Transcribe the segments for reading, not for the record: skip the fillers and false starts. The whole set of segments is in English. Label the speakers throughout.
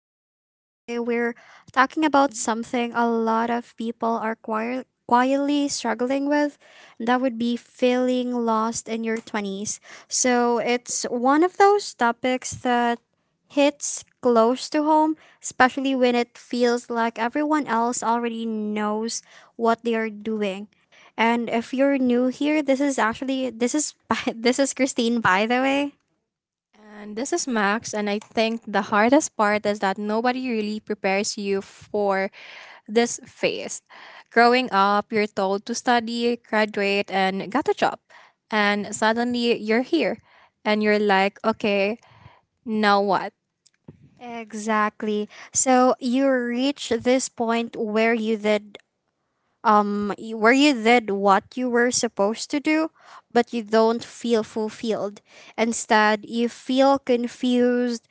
Speaker 1: So, today we're talking about something a lot of people are quietly struggling with. And That would be feeling lost in your 20s. So, it's one of those topics that hits close to home, especially when it feels like everyone else already knows what they are doing. And if you're new here, this is actually this is this is Christine, by the way.
Speaker 2: And this is Max, and I think the hardest part is that nobody really prepares you for this phase. Growing up, you're told to study, graduate, and get a job. And suddenly you're here, and you're like, okay, now what?
Speaker 1: Exactly. So you reach this point where you did what you were supposed to do, but you don't feel fulfilled. Instead, you feel confused,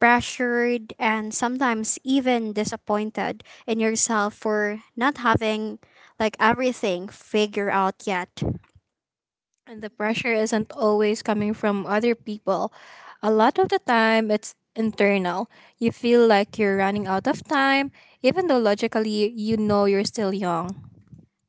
Speaker 1: pressured, and sometimes even disappointed in yourself for not having like everything figured out yet.
Speaker 2: And the pressure isn't always coming from other people. A lot of the time, it's internal. You feel like you're running out of time, even though logically you know you're still young.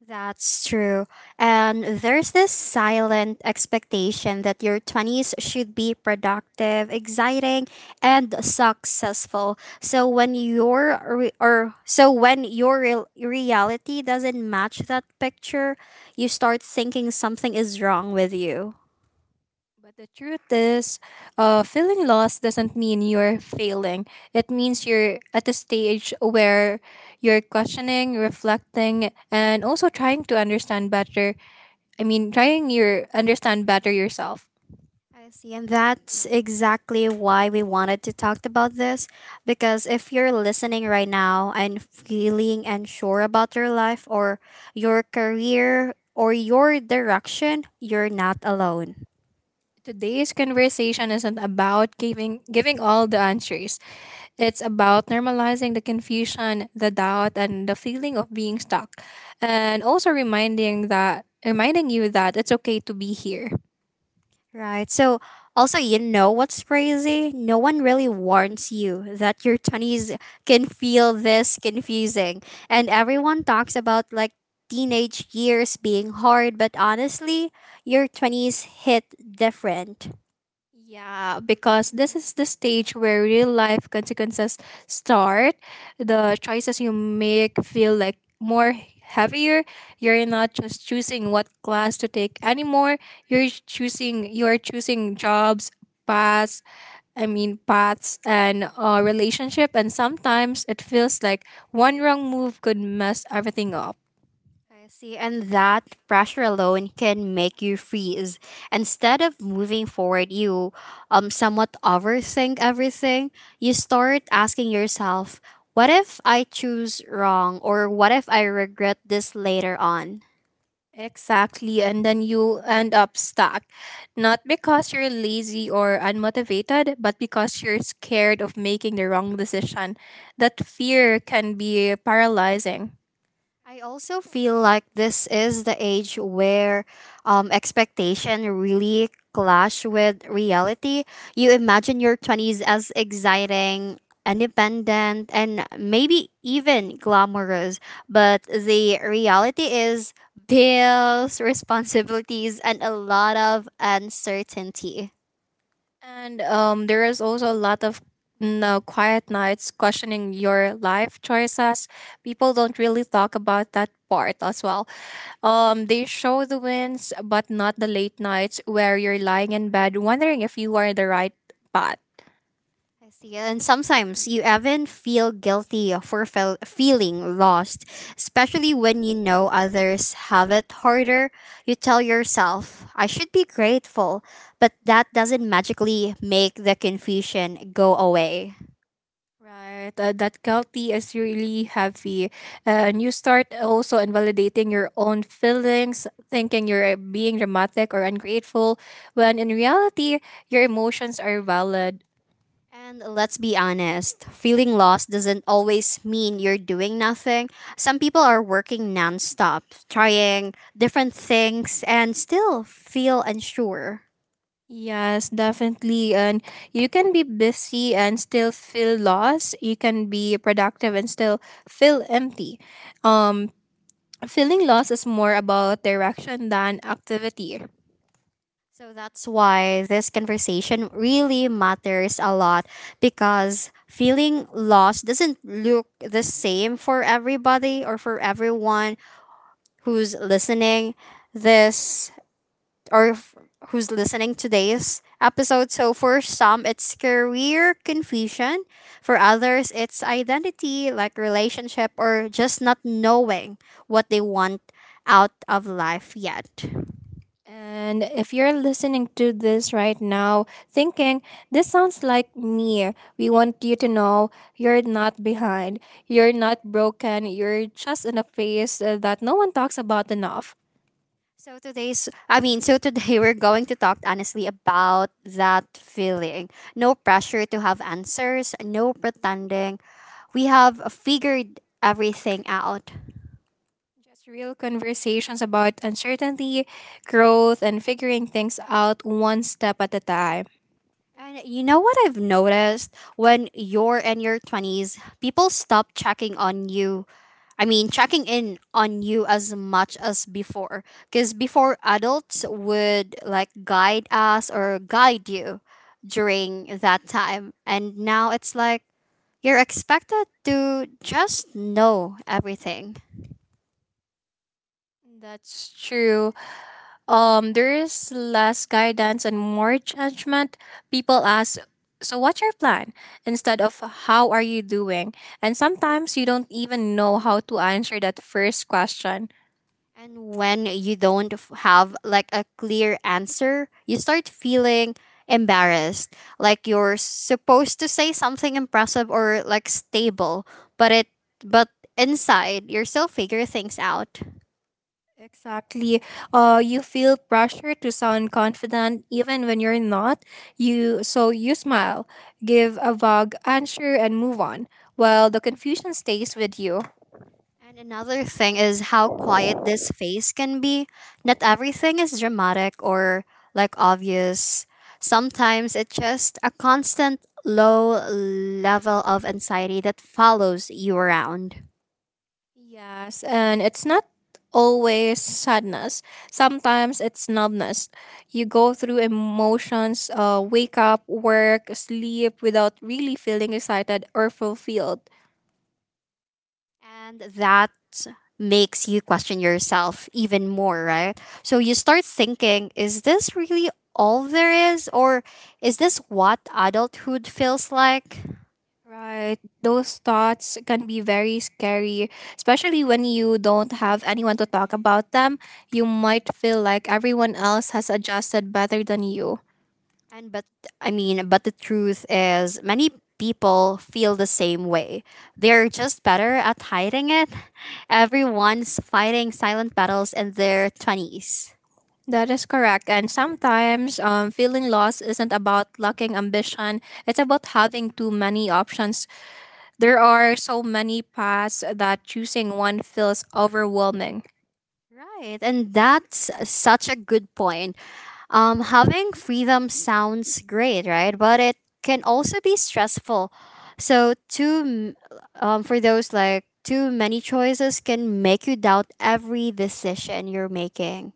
Speaker 1: That's true. And there's this silent expectation that your 20s should be productive, exciting, and successful. So when your re- or so when your real reality doesn't match that picture, you start thinking something is wrong with you.
Speaker 2: But the truth is, feeling lost doesn't mean you're failing. It means you're at a stage where you're questioning, reflecting, and also trying to understand better. I mean, trying your understand better yourself.
Speaker 1: I see. And that's exactly why we wanted to talk about this, because if you're listening right now and feeling unsure about your life or your career or your direction, you're not alone.
Speaker 2: Today's conversation isn't about giving all the answers. It's about normalizing the confusion, the doubt, and the feeling of being stuck, and also reminding you that it's okay to be here.
Speaker 1: Right. So, also, you know what's crazy? No one really warns you that your 20s can feel this confusing. And everyone talks about like teenage years being hard, but honestly, your 20s hit different.
Speaker 2: Yeah, because this is the stage where real life consequences start. The choices you make feel like more heavier. You're not just choosing what class to take anymore. You're choosing jobs, paths, I mean paths and relationship, and sometimes it feels like one wrong move could mess everything up.
Speaker 1: I see. And that pressure alone can make you freeze. Instead of moving forward, you somewhat overthink everything. You start asking yourself, what if I choose wrong, or what if I regret this later on?
Speaker 2: Exactly, and then you end up stuck. Not because you're lazy or unmotivated, but because you're scared of making the wrong decision. That fear can be paralyzing.
Speaker 1: I also feel like this is the age where expectation really clash with reality. You imagine your 20s as exciting, independent, and maybe even glamorous, but the reality is bills, responsibilities, and a lot of uncertainty.
Speaker 2: And there is also a lot of quiet nights questioning your life choices. People don't really talk about that part as well. They show the wins, but not the late nights where you're lying in bed wondering if you are the right path.
Speaker 1: I see. And sometimes you even feel guilty for feeling lost, especially when you know others have it harder. You tell yourself, I should be grateful, but that doesn't magically make the confusion go away.
Speaker 2: Right, that guilty is really heavy. And you start also invalidating your own feelings, thinking you're being dramatic or ungrateful, when in reality, your emotions are valid.
Speaker 1: And let's be honest, feeling lost doesn't always mean you're doing nothing. Some people are working nonstop, trying different things, and still feel unsure.
Speaker 2: Yes, definitely. And you can be busy and still feel lost. You can be productive and still feel empty. Um, Feeling lost is more about direction than activity.
Speaker 1: So that's why this conversation really matters a lot, because feeling lost doesn't look the same for everybody or for everyone who's listening this or f- who's listening today's episode. So for some it's career confusion, for others it's identity like relationship or just not knowing what they want out of life yet.
Speaker 2: And if you're listening to this right now, thinking, this sounds like me, we want you to know you're not behind, you're not broken, you're just in a phase that no one talks about enough.
Speaker 1: So today we're going to talk honestly about that feeling. No pressure to have answers, no pretending. We have figured everything out.
Speaker 2: Just real conversations about uncertainty, growth, and figuring things out one step at a time.
Speaker 1: And you know what I've noticed? When you're in your 20s, people stop checking on you. I mean, checking in on you as much as before. Because before, adults would like guide us or guide you during that time. And now it's like, you're expected to just know everything.
Speaker 2: That's true. There is less guidance and more judgment. People ask, so what's your plan, instead of, how are you doing? And sometimes you don't even know how to answer that first question.
Speaker 1: And when you don't f- have like a clear answer, you start feeling embarrassed. Like you're supposed to say something impressive or like stable, but it but inside you're still figure things out.
Speaker 2: Exactly. You feel pressure to sound confident even when you're not. You so you smile, give a vague answer, and move on while the confusion stays with you.
Speaker 1: And another thing is how quiet this phase can be. Not everything is dramatic or like obvious. Sometimes it's just a constant low level of anxiety that follows you around.
Speaker 2: Yes, and it's not always sadness. Sometimes it's numbness. You go through emotions, wake up, work, sleep without really feeling excited or fulfilled.
Speaker 1: And that makes you question yourself even more, right? So you start thinking, is this really all there is? Or is this what adulthood feels like?
Speaker 2: Right, those thoughts can be very scary, especially when you don't have anyone to talk about them. You might feel like everyone else has adjusted better than you.
Speaker 1: And but I mean, but the truth is, many people feel the same way. They're just better at hiding it. Everyone's fighting silent battles in their 20s.
Speaker 2: That is correct. And sometimes feeling lost isn't about lacking ambition, it's about having too many options. There are so many paths that choosing one feels overwhelming.
Speaker 1: Right, and that's such a good point. Having freedom sounds great, right? But it can also be stressful. So too, m- for those like too many choices can make you doubt every decision you're making.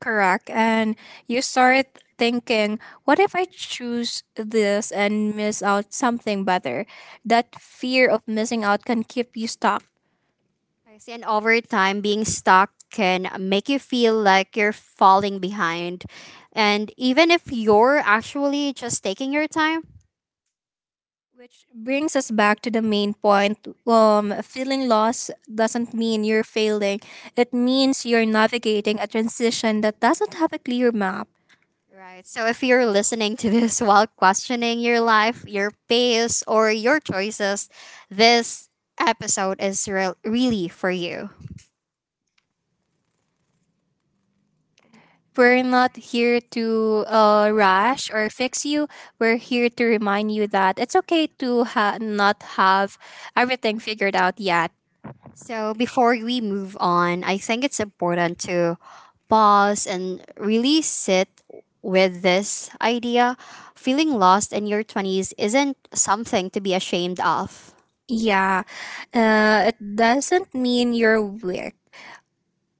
Speaker 2: Correct. And you start thinking, what if I choose this and miss out something better? That fear of missing out can keep you stuck.
Speaker 1: I see. And over time, being stuck can make you feel like you're falling behind, and even if you're actually just taking your time,
Speaker 2: Which brings us back to the main point. Feeling lost doesn't mean you're failing, it means you're navigating a transition that doesn't have a clear map.
Speaker 1: right? So if you're listening to this while questioning your life, your pace, or your choices, this episode is really for you.
Speaker 2: We're not here to rush or fix you. We're here to remind you that it's okay to not have everything figured out yet.
Speaker 1: So before we move on, I think it's important to pause and really sit with this idea. Feeling lost in your 20s isn't something to be ashamed of.
Speaker 2: Yeah, it doesn't mean you're weak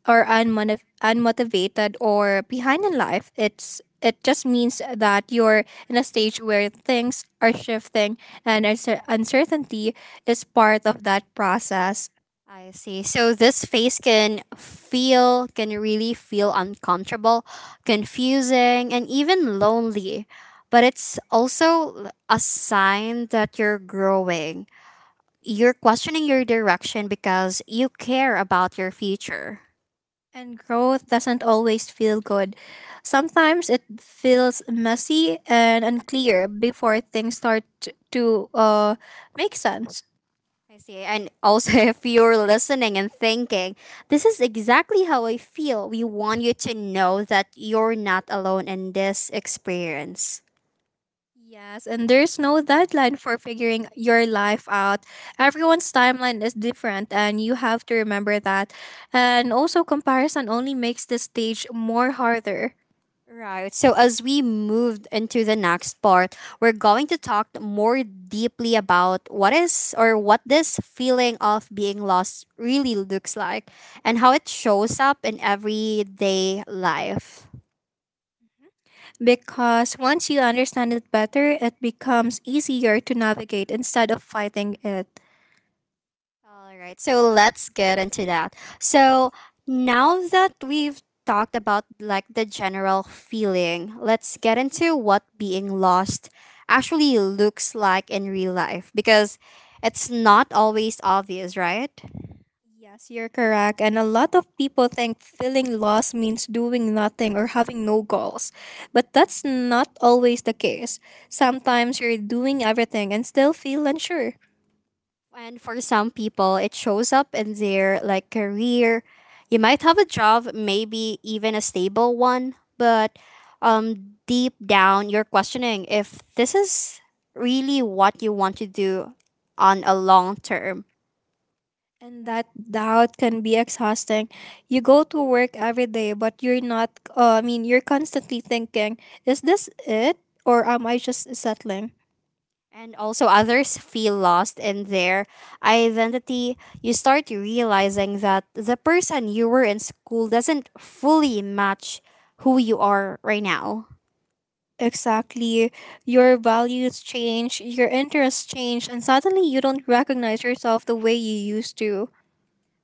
Speaker 2: or unmotivated or behind in life. It just means that you're in a stage where things are shifting and uncertainty is part of that process.
Speaker 1: I see. So this phase can can really feel uncomfortable, confusing, and even lonely. But it's also a sign that you're growing. You're questioning your direction because you care about your future.
Speaker 2: And growth doesn't always feel good. Sometimes it feels messy and unclear before things start to make sense.
Speaker 1: I see. And also, if you're listening and thinking, this is exactly how I feel, we want you to know that you're not alone in this experience.
Speaker 2: Yes, and there's no deadline for figuring your life out. Everyone's timeline is different, and you have to remember that. And also, comparison only makes the stage more harder
Speaker 1: Right. So, as we moved into the next part, we're going to talk more deeply about what is or what this feeling of being lost really looks like and how it shows up in everyday life.
Speaker 2: because once you understand it better, it becomes easier to navigate instead of fighting it.
Speaker 1: All right, so let's get into that. So now that we've talked about like the general feeling, let's get into what being lost actually looks like in real life, because it's not always obvious, right?
Speaker 2: Yes, you're correct. And a lot of people think feeling lost means doing nothing or having no goals. But that's not always the case. Sometimes you're doing everything and still feel unsure.
Speaker 1: And for some people, it shows up in their like career. You might have a job, maybe even a stable one, but deep down you're questioning if this is really what you want to do on a long term.
Speaker 2: And that doubt can be exhausting. You go to work every day, but you're not, I mean, you're constantly thinking, is this it? Or am I just settling?
Speaker 1: And also others feel lost in their identity. You start realizing that the person you were in school doesn't fully match who you are right now.
Speaker 2: Exactly. Your values change, your interests change, and suddenly you don't recognize yourself the way you used to.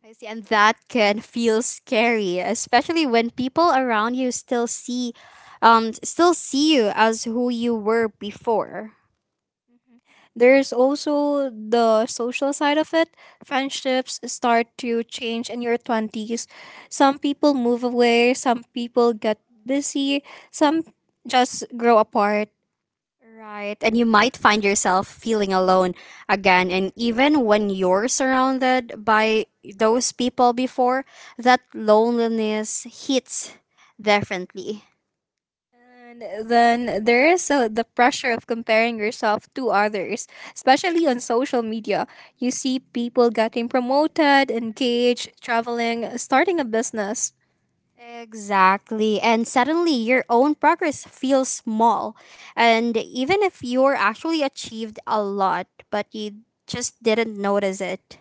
Speaker 1: I see, and that can feel scary, especially when people around you still see you as who you were before.
Speaker 2: There's also the social side of it. Friendships start to change in your 20s. Some people move away, some people get busy, some just grow apart.
Speaker 1: Right, and you might find yourself feeling alone again, and even when you're surrounded by those people before, that loneliness hits differently.
Speaker 2: And then there is the pressure of comparing yourself to others, especially on social media. You see people getting promoted, engaged, traveling, starting a business.
Speaker 1: Exactly. And suddenly your own progress feels small. And even if you're actually achieved a lot, but you just didn't notice it.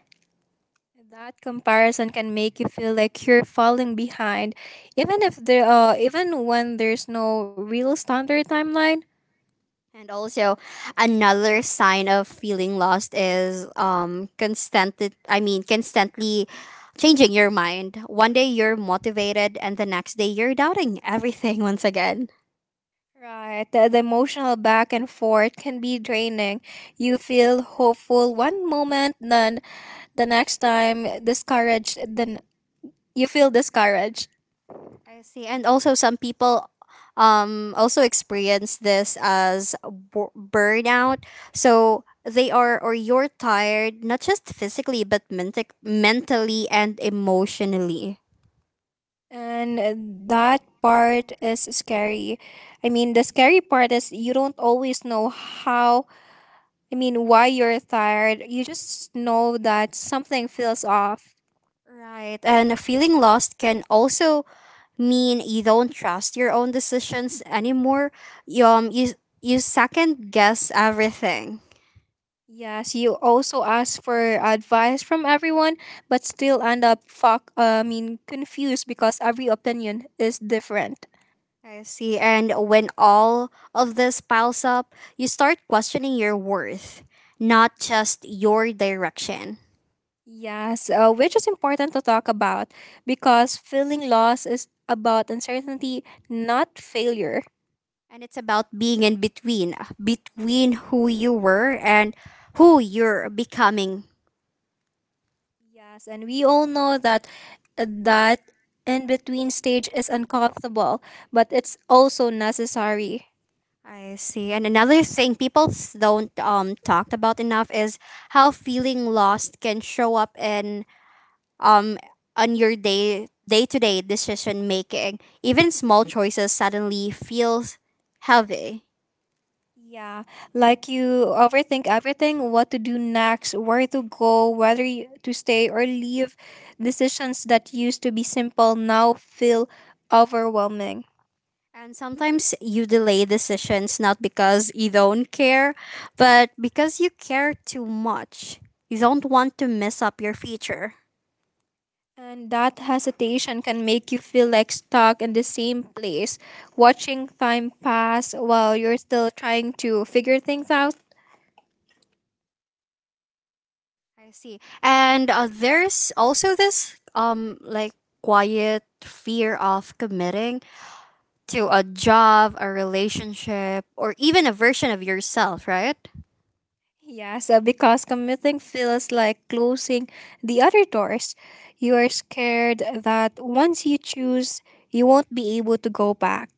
Speaker 2: That comparison can make you feel like you're falling behind, even if there, even when there's no real standard timeline.
Speaker 1: And also another sign of feeling lost is constantly changing your mind. One day you're motivated and the next day you're doubting everything once again.
Speaker 2: Right, the emotional back and forth can be draining. You feel hopeful one moment, then the next time discouraged. Then you feel discouraged,
Speaker 1: I see. And also, some people also experience this as burnout. So they are, or you're tired, not just physically, but mentic mentally and emotionally.
Speaker 2: and that part is scary. I mean, the scary part is you don't always know how I mean, why you're tired. You just know that something feels off.
Speaker 1: Right. And feeling lost can also mean you don't trust your own decisions anymore. You, um, you, you second guess everything.
Speaker 2: Yes, you also ask for advice from everyone, but still end up fuck. I mean, confused because every opinion is different.
Speaker 1: I see. And when all of this piles up, you start questioning your worth, not just your direction.
Speaker 2: Yes, which is important to talk about because feeling lost is about uncertainty, not failure.
Speaker 1: And it's about being in between, between who you were and who you're becoming.
Speaker 2: Yes, and we all know that uh, that in between stage is uncomfortable, but it's also necessary.
Speaker 1: I see. And another thing people don't talk about enough is how feeling lost can show up in um on your day day to day decision making. Even small choices suddenly feels heavy.
Speaker 2: Yeah, like you overthink everything, what to do next, where to go, to stay or leave. Decisions that used to be simple now feel overwhelming.
Speaker 1: And sometimes you delay decisions not because you don't care, but because you care too much. You don't want to mess up your future.
Speaker 2: And that hesitation can make you feel like stuck in the same place, watching time pass while you're still trying to figure things out.
Speaker 1: I see. And there's also this like quiet fear of committing to a job, a relationship, or even a version of yourself, right?
Speaker 2: Yeah, so because commuting feels like closing the other doors, you are scared that once you choose, you won't be able to go back.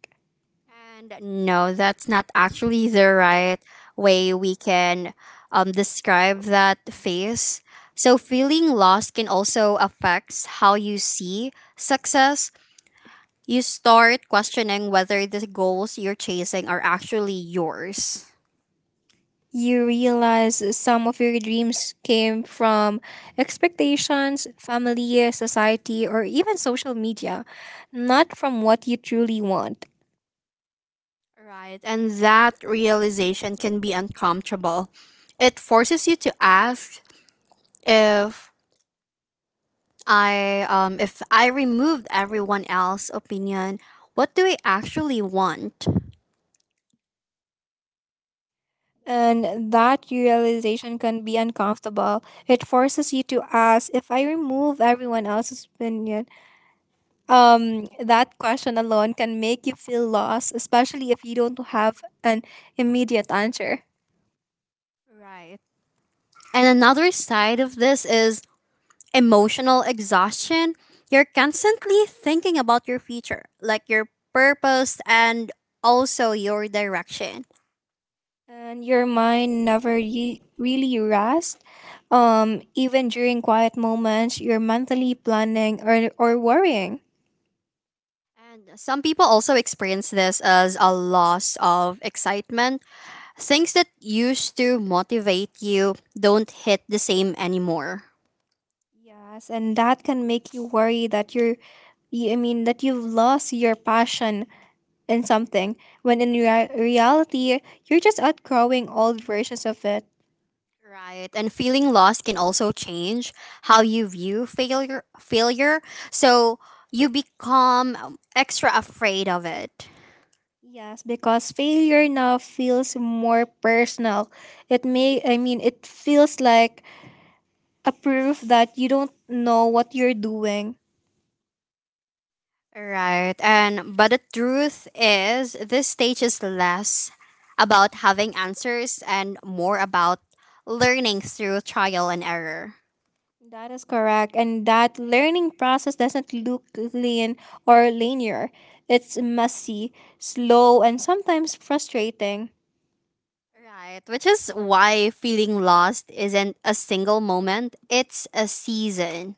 Speaker 1: And no, that's not actually the right way we can describe that phase. So, feeling lost can also affect how you see success. You start questioning whether the goals you're chasing are actually yours.
Speaker 2: You realize some of your dreams came from expectations, family, society, or even social media, not from what you truly want.
Speaker 1: Right, and that realization can be uncomfortable. It forces you to ask, if if I removed everyone else's opinion, what do I actually want?
Speaker 2: And that realization can be uncomfortable. It forces you to ask, if I remove everyone else's opinion. That question alone can make you feel lost, especially if you don't have an immediate answer.
Speaker 1: Right. And another side of this is emotional exhaustion. You're constantly thinking about your future, like your purpose and also your direction.
Speaker 2: And your mind never really rests. Even during quiet moments, you're mentally planning or worrying.
Speaker 1: And some people also experience this as a loss of excitement. Things that used to motivate you don't hit the same anymore.
Speaker 2: Yes, and that can make you worry that I mean, that you've lost your passion in something, when in reality, you're just outgrowing old versions of it.
Speaker 1: Right. And feeling lost can also change how you view failure. So you become extra afraid of it.
Speaker 2: Yes, because failure now feels more personal. I mean, it feels like a proof that you don't know what you're doing.
Speaker 1: Right. And but the truth is this stage is less about having answers and more about learning through trial and error.
Speaker 2: That is correct. And that learning process doesn't look clean or linear. It's messy, slow, and sometimes frustrating.
Speaker 1: Right, which is why feeling lost isn't a single moment, it's a season.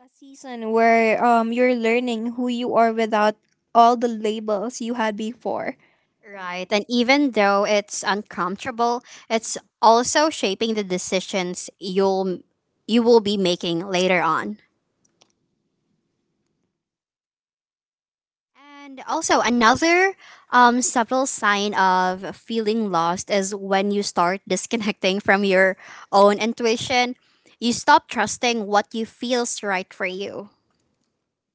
Speaker 2: A season where you're learning who you are without all the labels you had before.
Speaker 1: Right. And even though it's uncomfortable, it's also shaping the decisions you will be making later on. And also another subtle sign of feeling lost is when you start disconnecting from your own intuition. You stop trusting what you feels right for you.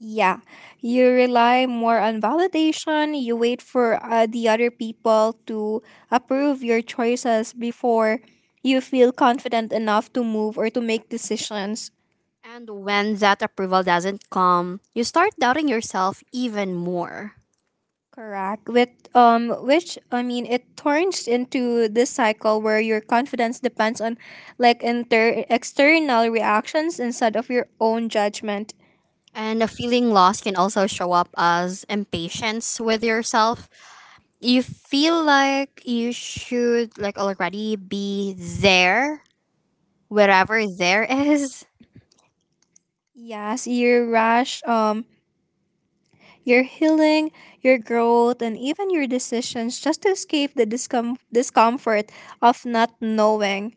Speaker 2: Yeah, you rely more on validation. You wait for the other people to approve your choices before you feel confident enough to move or to make decisions.
Speaker 1: And when that approval doesn't come, you start doubting yourself even more.
Speaker 2: Correct. With which I mean, it turns into this cycle where your confidence depends on like inter external reactions instead of your own judgment.
Speaker 1: And a feeling lost can also show up as impatience with yourself. You feel like you should like already be there, wherever there is.
Speaker 2: Yes, you rash. Your healing, your growth, and even your decisions just to escape the discomfort of not knowing.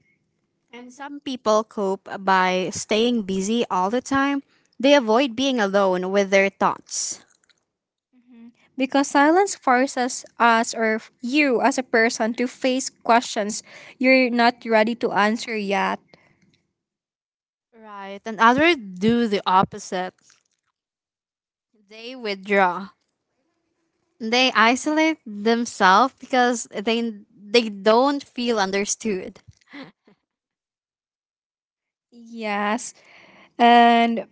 Speaker 1: And some people cope by staying busy all the time. They avoid being alone with their thoughts.
Speaker 2: Mhm. Because silence forces you as a person to face questions you're not ready to answer yet.
Speaker 1: Right. And others do the opposite. They withdraw. They isolate themselves because they don't feel understood.
Speaker 2: Yes, and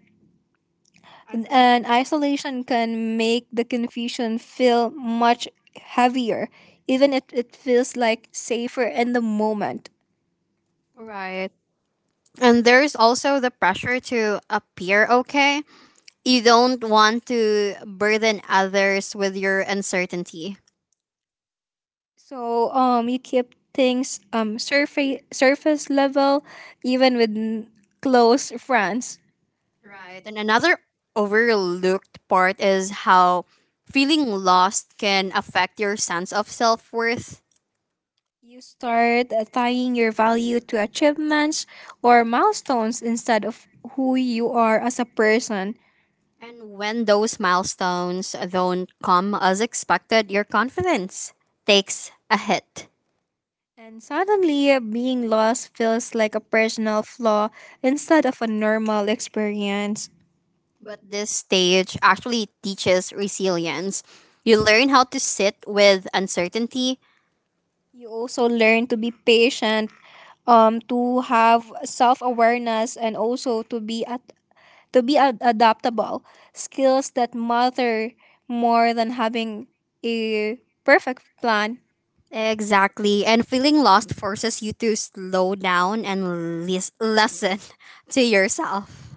Speaker 2: and isolation can make the confusion feel much heavier, even if it feels like safer in the moment.
Speaker 1: Right. And there's also the pressure to appear okay. You don't want to burden others with your uncertainty.
Speaker 2: So you keep things surface level, even with close friends.
Speaker 1: Right. And another overlooked part is how feeling lost can affect your sense of self worth.
Speaker 2: You start tying your value to achievements or milestones instead of who you are as a person.
Speaker 1: And when those milestones don't come as expected, your confidence takes a hit.
Speaker 2: And suddenly, being lost feels like a personal flaw instead of a normal experience.
Speaker 1: But this stage actually teaches resilience. You learn how to sit with uncertainty.
Speaker 2: You also learn to be patient, to have self awareness, and also to be adaptable, skills that matter more than having a perfect plan.
Speaker 1: Exactly. And feeling lost forces you to slow down and listen to yourself.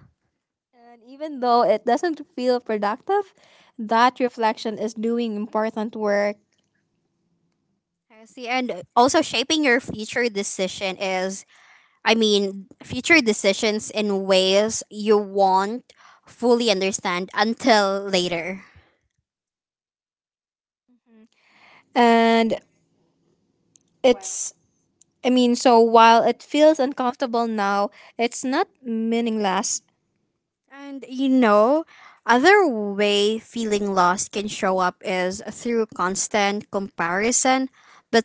Speaker 2: And even though it doesn't feel productive, that reflection is doing important work.
Speaker 1: I see. And also shaping your future decision is, I mean, future decisions in ways you won't fully understand until later.
Speaker 2: And it's, I mean, so while it feels uncomfortable now, it's not meaningless.
Speaker 1: And you know, other way feeling lost can show up is through constant comparison, but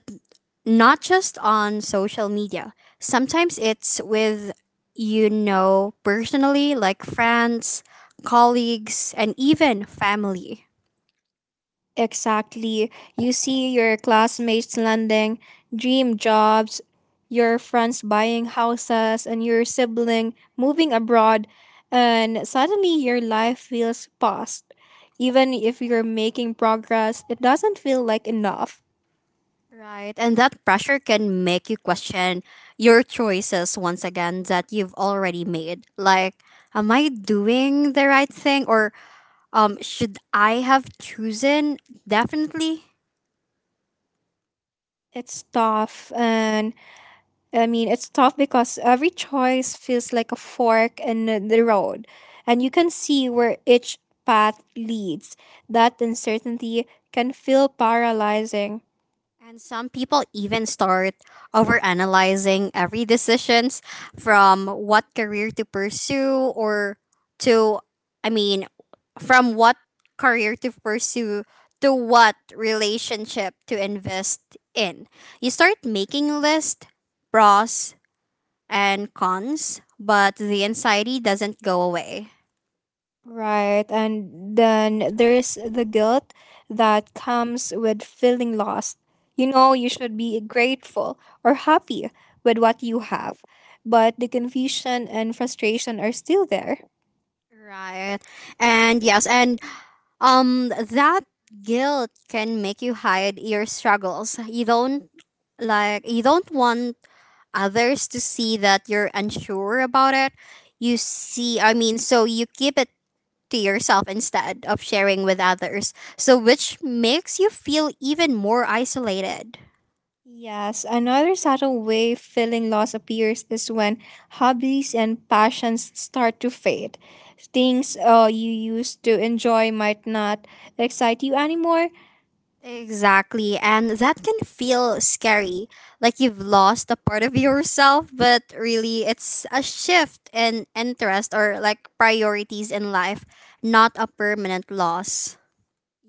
Speaker 1: not just on social media. Sometimes it's with, you know, personally, like friends, colleagues, and even family.
Speaker 2: Exactly. You see your classmates landing dream jobs, your friends buying houses, and your sibling moving abroad, and suddenly your life feels paused. Even if you're making progress, it doesn't feel like enough.
Speaker 1: Right. And that pressure can make you question your choices once again that you've already made. Like, am I doing the right thing? Or should I have chosen? Definitely.
Speaker 2: It's tough, and I mean, it's tough because every choice feels like a fork in the road, and you can see where each path leads. That uncertainty can feel paralyzing.
Speaker 1: And some people even start overanalyzing every decisions from what career to pursue or to I mean from what career to pursue to what relationship to invest in. You start making a list, pros and cons, but the anxiety doesn't go away.
Speaker 2: Right. And then there's the guilt that comes with feeling lost. You know, you should be grateful or happy with what you have, but the confusion and frustration are still there.
Speaker 1: Right. And yes, and That guilt can make you hide your struggles. You don't want others to see that you're unsure about it. You keep it to yourself instead of sharing with others, so which makes you feel even more isolated.
Speaker 2: Yes, another subtle way feeling loss appears is when hobbies and passions start to fade. Things you used to enjoy might not excite you anymore.
Speaker 1: Exactly. And that can feel scary, like you've lost a part of yourself, but really it's a shift in interest or like priorities in life, not a permanent loss.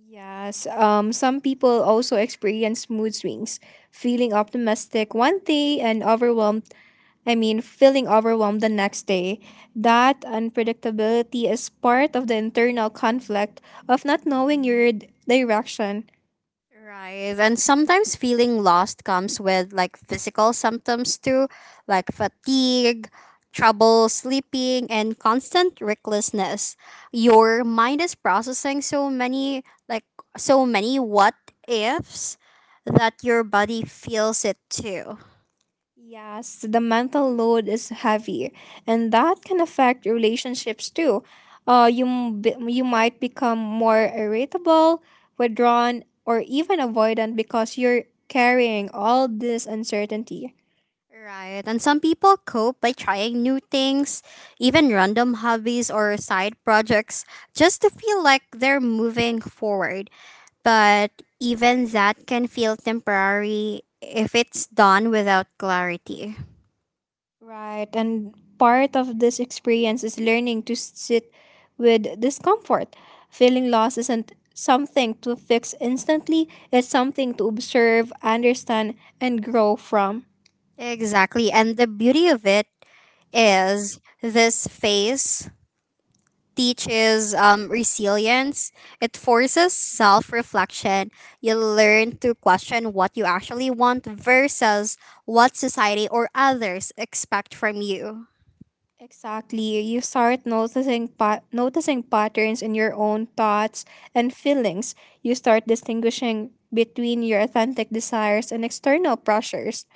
Speaker 2: Yes, some people also experience mood swings, feeling optimistic one day and overwhelmed, feeling overwhelmed the next day. That unpredictability is part of the internal conflict of not knowing your direction.
Speaker 1: Right. And sometimes feeling lost comes with like physical symptoms too, like fatigue, trouble sleeping, and constant recklessness. Your mind is processing like, so many what ifs that your body feels it too.
Speaker 2: Yes, the mental load is heavy, and that can affect relationships too. You might become more irritable, withdrawn, or even avoidant because you're carrying all this uncertainty.
Speaker 1: Right. And some people cope by trying new things, even random hobbies or side projects, just to feel like they're moving forward, but even that can feel temporary if it's done without clarity.
Speaker 2: Right. And part of this experience is learning to sit with discomfort. Feeling loss isn't something to fix instantly, it's something to observe, understand, and grow from.
Speaker 1: Exactly. And the beauty of it is this phase teaches resilience, it forces self reflection. You learn to question what you actually want versus what society or others expect from you.
Speaker 2: Exactly. You start noticing patterns in your own thoughts and feelings. You start distinguishing between your authentic desires and external pressures.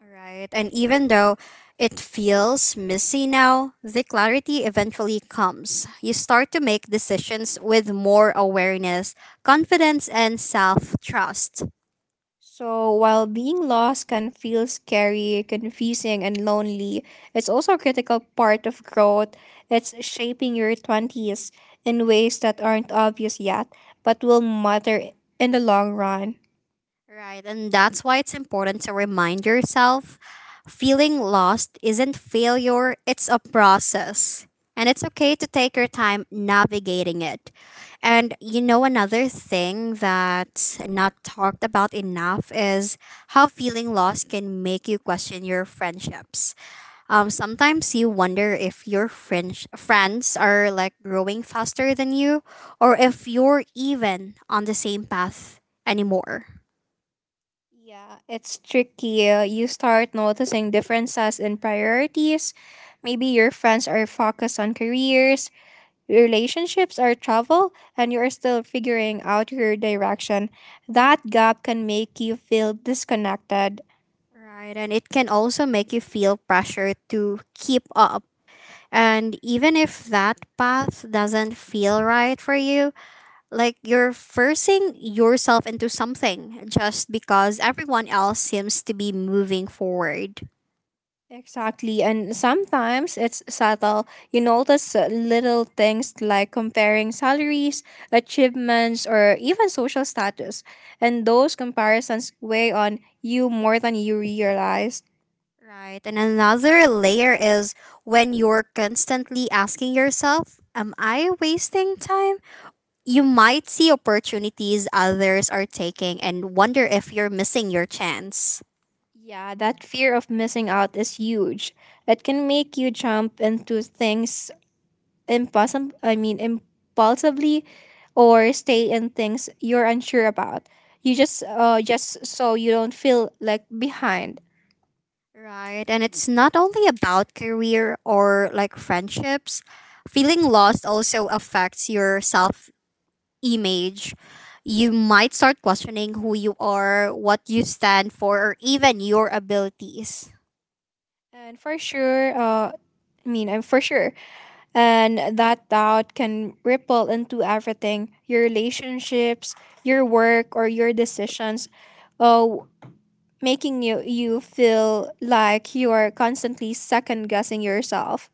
Speaker 1: Right. And even though it feels messy now, the clarity eventually comes. You start to make decisions with more awareness, confidence, and self trust.
Speaker 2: So while being lost can feel scary, confusing, and lonely, it's also a critical part of growth. It's shaping your 20s in ways that aren't obvious yet, but will matter in the long run.
Speaker 1: Right, and that's why it's important to remind yourself feeling lost isn't failure, it's a process. And it's okay to take your time navigating it. And you know, another thing that's not talked about enough is how feeling lost can make you question your friendships. Sometimes you wonder if your French friends are like growing faster than you, or if you're even on the same path anymore.
Speaker 2: Yeah, it's tricky. You start noticing differences in priorities. Maybe your friends are focused on careers, relationships or travel and you are still figuring out your direction, that gap can make you feel disconnected.
Speaker 1: Right, and it can also make you feel pressure to keep up. And even if that path doesn't feel right for you, like you're forcing yourself into something just because everyone else seems to be moving forward.
Speaker 2: Exactly. And sometimes it's subtle. You notice little things like comparing salaries, achievements, or even social status. And those comparisons weigh on you more than you realize.
Speaker 1: Right, and another layer is when you're constantly asking yourself, am I wasting time? You might see opportunities others are taking and wonder if you're missing your chance.
Speaker 2: Yeah, that fear of missing out is huge. It can make you jump into things impulsively or stay in things you're unsure about. You just just so you don't feel like behind.
Speaker 1: Right. And it's not only about career or like friendships. Feeling lost also affects your self image. You might start questioning who you are, what you stand for, or even your abilities.
Speaker 2: And for sure I mean I'm for sure, and that doubt can ripple into everything, your relationships, your work, or your decisions, uh, making you feel like you are constantly second guessing yourself.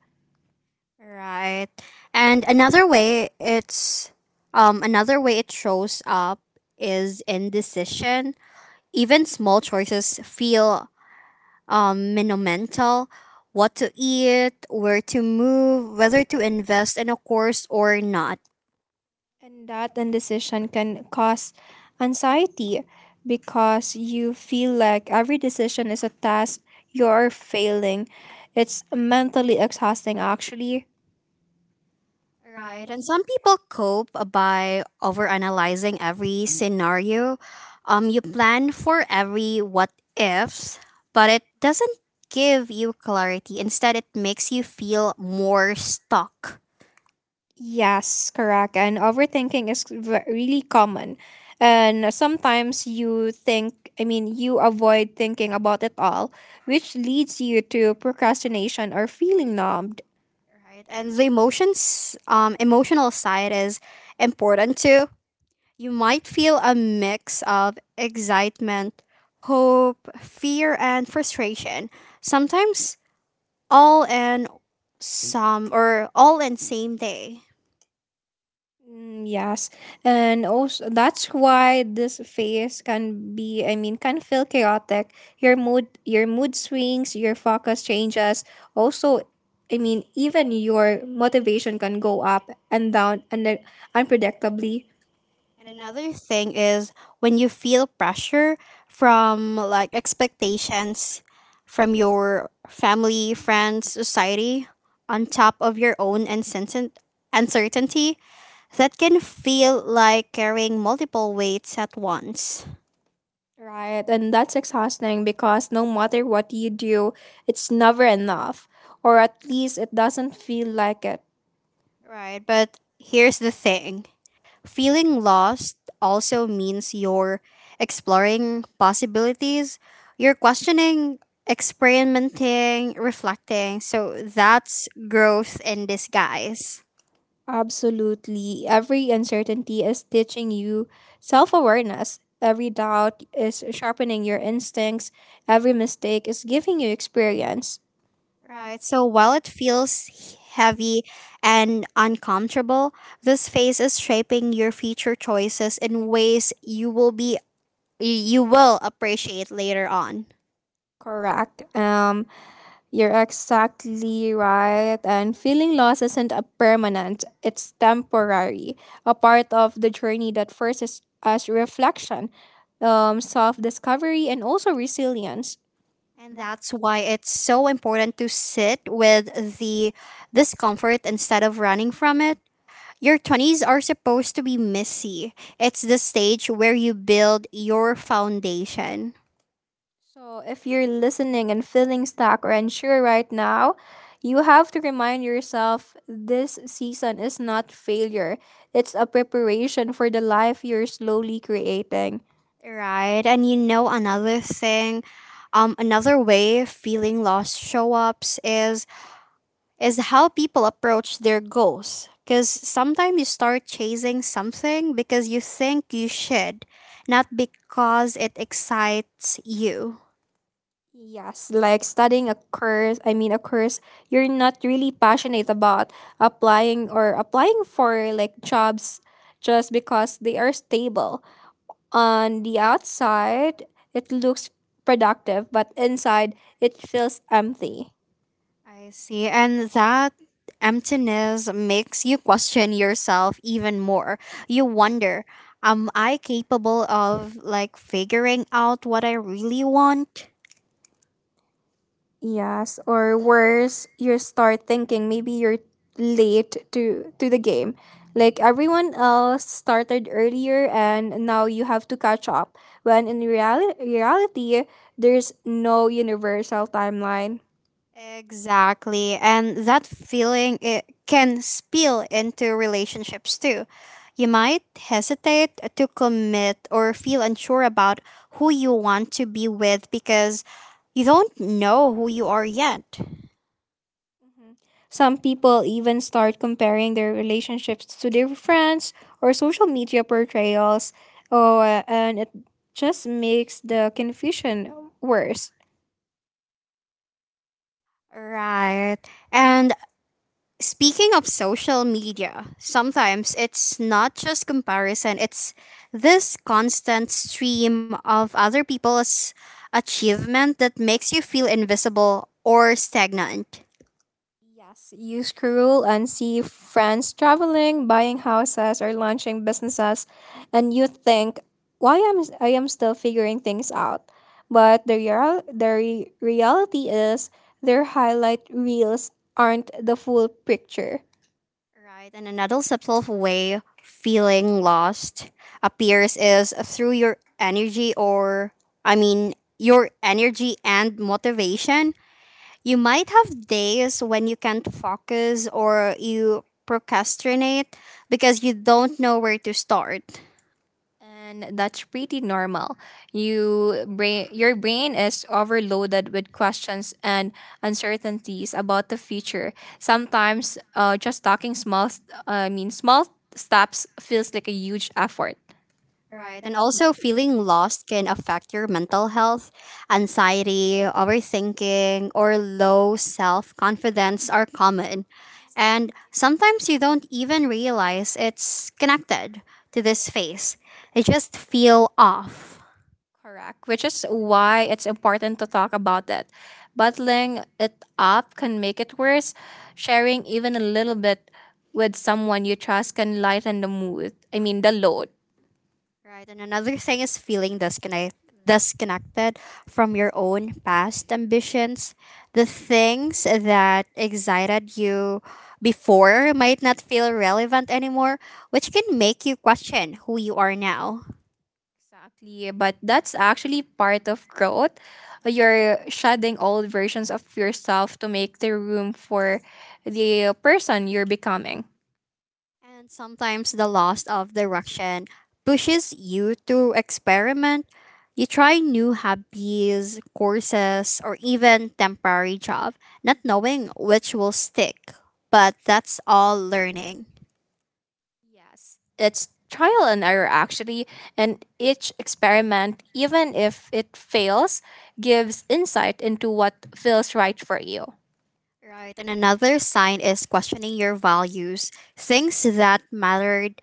Speaker 1: Right. And another way it shows up is indecision. Even small choices feel monumental: what to eat, where to move, whether to invest in a course or not.
Speaker 2: And that indecision can cause anxiety because you feel like every decision is a task you're failing. It's mentally exhausting, actually.
Speaker 1: Right. And some people cope by overanalyzing every scenario. You plan for every what ifs, but it doesn't give you clarity. Instead, it makes you feel more stuck.
Speaker 2: Yes, correct. And overthinking is really common. And sometimes you avoid thinking about it all, which leads you to procrastination or feeling numb.
Speaker 1: Right. And the emotional side is important too. You might feel a mix of excitement, hope, fear, and frustration. Sometimes all in some or all in same day.
Speaker 2: Mm, yes, and also that's why this phase can be, I mean, can feel chaotic. Your mood swings, your focus changes. Also, even your motivation can go up and down and then unpredictably.
Speaker 1: And another thing is when you feel pressure from like expectations from your family, friends, society, on top of your own uncertainty, that can feel like carrying multiple weights at once.
Speaker 2: Right, and that's exhausting because no matter what you do, it's never enough, or at least it doesn't feel like it.
Speaker 1: Right, but here's the thing: feeling lost also means you're exploring possibilities, you're questioning, experimenting, reflecting. So that's growth in disguise.
Speaker 2: Absolutely. Every uncertainty is teaching you self awareness. Every doubt is sharpening your instincts. Every mistake is giving you experience.
Speaker 1: Right, so while it feels heavy and uncomfortable, this phase is shaping your future choices in ways you will appreciate later on.
Speaker 2: Correct. You're exactly right. And feeling loss isn't a permanent, it's temporary. A part of the journey that forces us reflection, self discovery, and also resilience.
Speaker 1: And that's why it's so important to sit with the discomfort instead of running from it. Your 20s are supposed to be messy. It's the stage where you build your foundation.
Speaker 2: So, if you're listening and feeling stuck or unsure right now, you have to remind yourself this season is not failure, it's a preparation for the life you're slowly creating.
Speaker 1: Right. And you know another thing, another way feeling lost show-ups is how people approach their goals. Cuz sometimes you start chasing something because you think you should, not because it excites you.
Speaker 2: Yes, like studying a course you're not really passionate about applying for like jobs just because they are stable. On the outside, it looks productive, but inside, it feels empty.
Speaker 1: I see. And that emptiness makes you question yourself even more. You wonder, am I capable of like figuring out what I really want?
Speaker 2: Yes, or worse, you start thinking maybe you're late to the game. Like everyone else started earlier and now you have to catch up. When reality there's no universal timeline.
Speaker 1: Exactly. And that feeling it can spill into relationships too. You might hesitate to commit or feel unsure about who you want to be with because you don't know who you are yet.
Speaker 2: Mhm. Some people even start comparing their relationships to their friends or social media portrayals, oh, and it just makes the confusion worse.
Speaker 1: Right. And speaking of social media, sometimes it's not just comparison, it's this constant stream of other people's achievement that makes you feel invisible or stagnant.
Speaker 2: Yes, you scroll and see friends traveling, buying houses, or launching businesses, and you think, "Why am still figuring things out?" But the real the re- reality is, their highlight reels aren't the full picture.
Speaker 1: Right, and another subtle way feeling lost appears is through your energy or, I mean, your energy and motivation. You might have days when you can't focus or you procrastinate because you don't know where to start.
Speaker 2: And that's pretty normal. Your brain is overloaded with questions and uncertainties about the future. Sometimes just talking small st- I mean small steps feels like a huge effort.
Speaker 1: Right. And also, feeling lost can affect your mental health. Anxiety, overthinking, or low self confidence are common. And sometimes you don't even realize it's connected to this phase. You just feel off.
Speaker 2: Correct, which is why it's important to talk about it. Bottling it up can make it worse. Sharing even a little bit with someone you trust can lighten the mood. I mean the load.
Speaker 1: Right, and another thing is feeling disconnected from your own past ambitions. The things that excited you before might not feel relevant anymore, which can make you question who you are now.
Speaker 2: Exactly, but that's actually part of growth. You're shedding old versions of yourself to make the room for the person you're becoming.
Speaker 1: And sometimes the loss of direction pushes you to experiment. You try new hobbies, courses, or even temporary job, not knowing which will stick. But that's all learning.
Speaker 2: Yes, it's trial and error actually, and each experiment, even if it fails, gives insight into what feels right for you.
Speaker 1: Right. And another sign is questioning your values. Things that mattered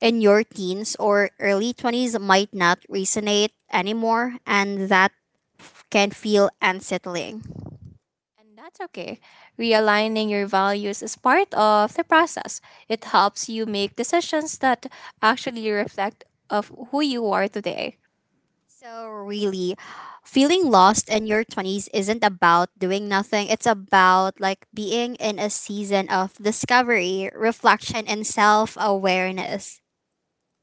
Speaker 1: in your teens or early 20s might not resonate anymore, and that can feel unsettling.
Speaker 2: And that's okay. Realigning your values is part of the process. It helps you make decisions that actually reflect of who you are today.
Speaker 1: So, really, feeling lost in your 20s isn't about doing nothing. It's about like being in a season of discovery, reflection, and self awareness.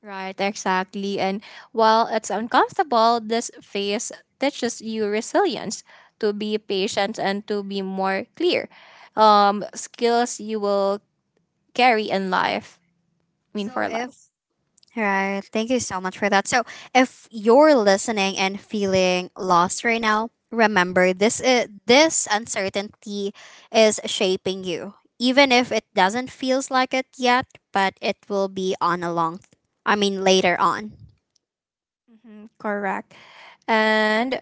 Speaker 2: Right, exactly. And while it's uncomfortable, this phase teaches you resilience to be patient and to be more clear. Skills you will carry in life, I mean,
Speaker 1: So,
Speaker 2: for
Speaker 1: if
Speaker 2: life.
Speaker 1: Right. Thank you so much for that. So, if you're listening and feeling lost right now, remember this uncertainty is shaping you. Even if it doesn't feels like it yet, but it will be on a long I mean later on.
Speaker 2: Hmm, correct. And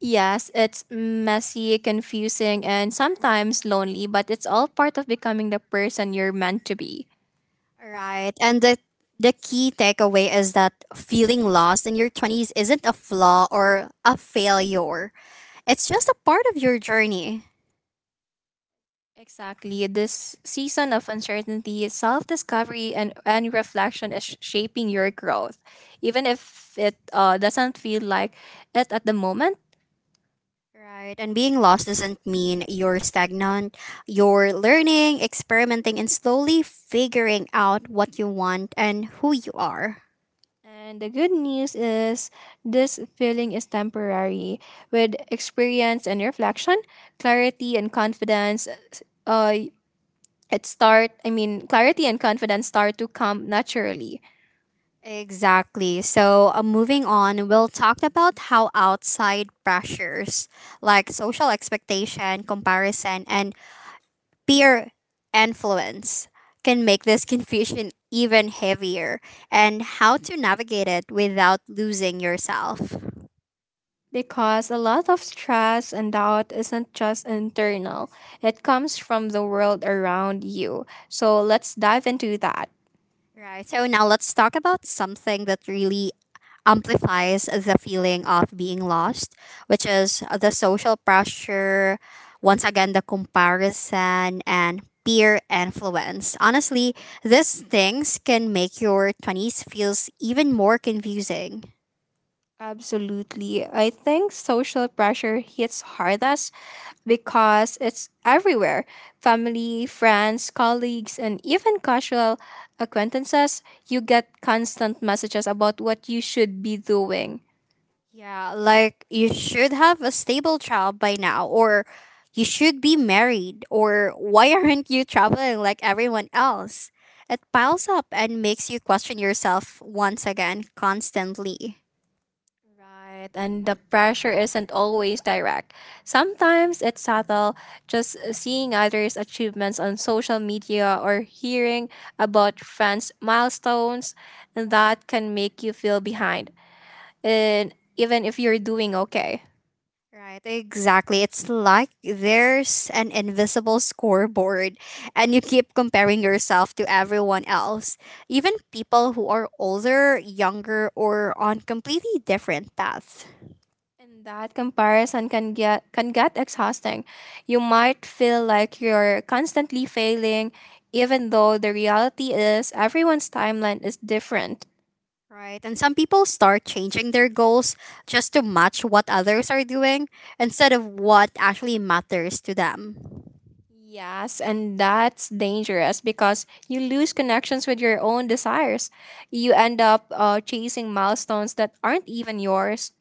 Speaker 2: yes, it's messy, confusing, and sometimes lonely, but it's all part of becoming the person you're meant to be.
Speaker 1: Right. And the key takeaway is that feeling lost in your 20s isn't a flaw or a failure. It's just a part of your journey.
Speaker 2: Exactly. This season of uncertainty, self discovery, and reflection is shaping your growth, even if it doesn't feel like it at the moment.
Speaker 1: Right. And being lost doesn't mean you're stagnant. You're learning, experimenting, and slowly figuring out what you want and who you are.
Speaker 2: And the good news is this feeling is temporary. With experience and reflection, clarity and confidence, uh, clarity and confidence start to come naturally.
Speaker 1: Exactly. So, moving on, we'll talk about how outside pressures like social expectation, comparison, and peer influence can make this confusion even heavier and how to navigate it without losing yourself.
Speaker 2: Because a lot of stress and doubt isn't just internal, it comes from the world around you. So let's dive into that.
Speaker 1: Right. So now let's talk about something that really amplifies the feeling of being lost, which is the social pressure, once again, the comparison, and peer influence. Honestly, these things can make your 20s feels even more confusing.
Speaker 2: Absolutely. I think social pressure hits hardest because it's everywhere, family, friends, colleagues, and even casual acquaintances. You get constant messages about what you should be doing.
Speaker 1: Yeah, like you should have a stable job by now, or you should be married, or why aren't you traveling like everyone else? It piles up and makes you question yourself once again constantly.
Speaker 2: Right, and the pressure isn't always direct. Sometimes it's subtle, just seeing others' achievements on social media or hearing about friends' milestones, and that can make you feel behind, and even if you're doing okay.
Speaker 1: Right, exactly. It's like there's an invisible scoreboard, and you keep comparing yourself to everyone else, even people who are older, younger, or on completely different paths.
Speaker 2: And that comparison can get exhausting. You might feel like you're constantly failing, even though the reality is everyone's timeline is different.
Speaker 1: Right. And some people start changing their goals just to match what others are doing instead of what actually matters to them.
Speaker 2: Yes, and that's dangerous because you lose connections with your own desires. You end up chasing milestones that aren't even yours.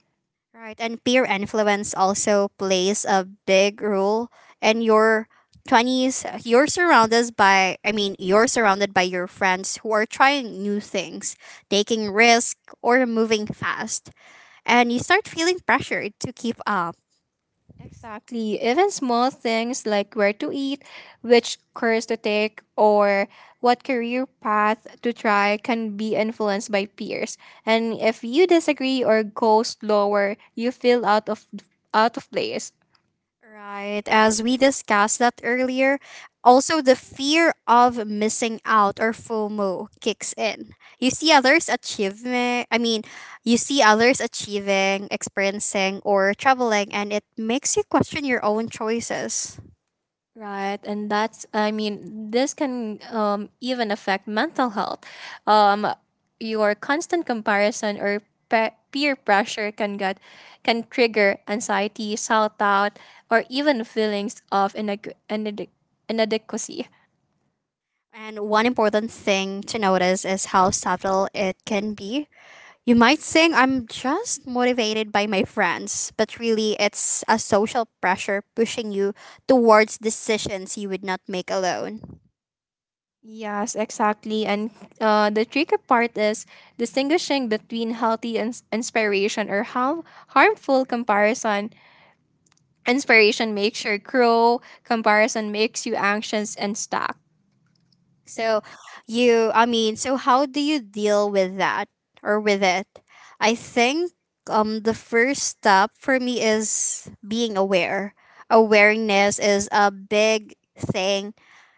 Speaker 1: Right. And peer influence also plays a big role in your 20s. You're surrounded by your friends who are trying new things, taking risks, or moving fast. And you start feeling pressured to keep up.
Speaker 2: Exactly. Even small things like where to eat, which course to take, or what career path to try can be influenced by peers. And if you disagree or go slower, you feel out of place.
Speaker 1: Right, as we discussed that earlier, also the fear of missing out or FOMO kicks in. You see others achieving, experiencing, or traveling, and it makes you question your own choices.
Speaker 2: Right, and that's I mean this can even affect mental health. Um, your constant comparison or peer pressure can trigger anxiety, self doubt, or even feelings of inadequacy.
Speaker 1: And one important thing to notice is how subtle it can be. You might think I'm just motivated by my friends, but really it's a social pressure pushing you towards decisions you would not make alone.
Speaker 2: Yes, exactly. And the tricky part is distinguishing between healthy inspiration or how harmful comparison. Inspiration makes you grow, comparison makes you anxious and stuck.
Speaker 1: So, so how do you deal with that or with it? I think the first step for me is being aware. Awareness is a big thing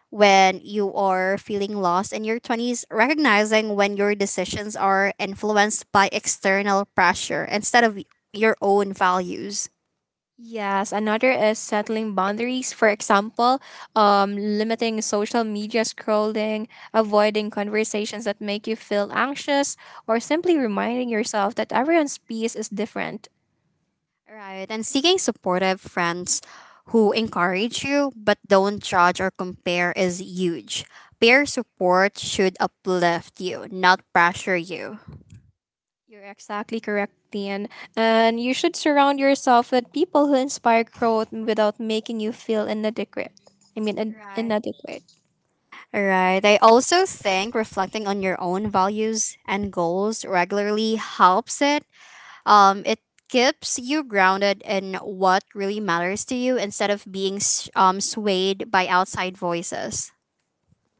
Speaker 1: when you are feeling lost in your 20s, recognizing when your decisions are influenced by external pressure instead of your own values.
Speaker 2: Yes, another is settling boundaries. For example, limiting social media scrolling, avoiding conversations that make you feel anxious, or simply reminding yourself that everyone's pace is different.
Speaker 1: Right. And seeking supportive friends who encourage you but don't judge or compare is huge. Peer support should uplift you, not pressure you.
Speaker 2: You're exactly correct, Tian. And you should surround yourself with people who inspire growth without making you feel inadequate. I mean, in-
Speaker 1: Right.
Speaker 2: inadequate.
Speaker 1: Right. I also think reflecting on your own values and goals regularly helps it. It keeps you grounded in what really matters to you instead of being swayed by outside voices.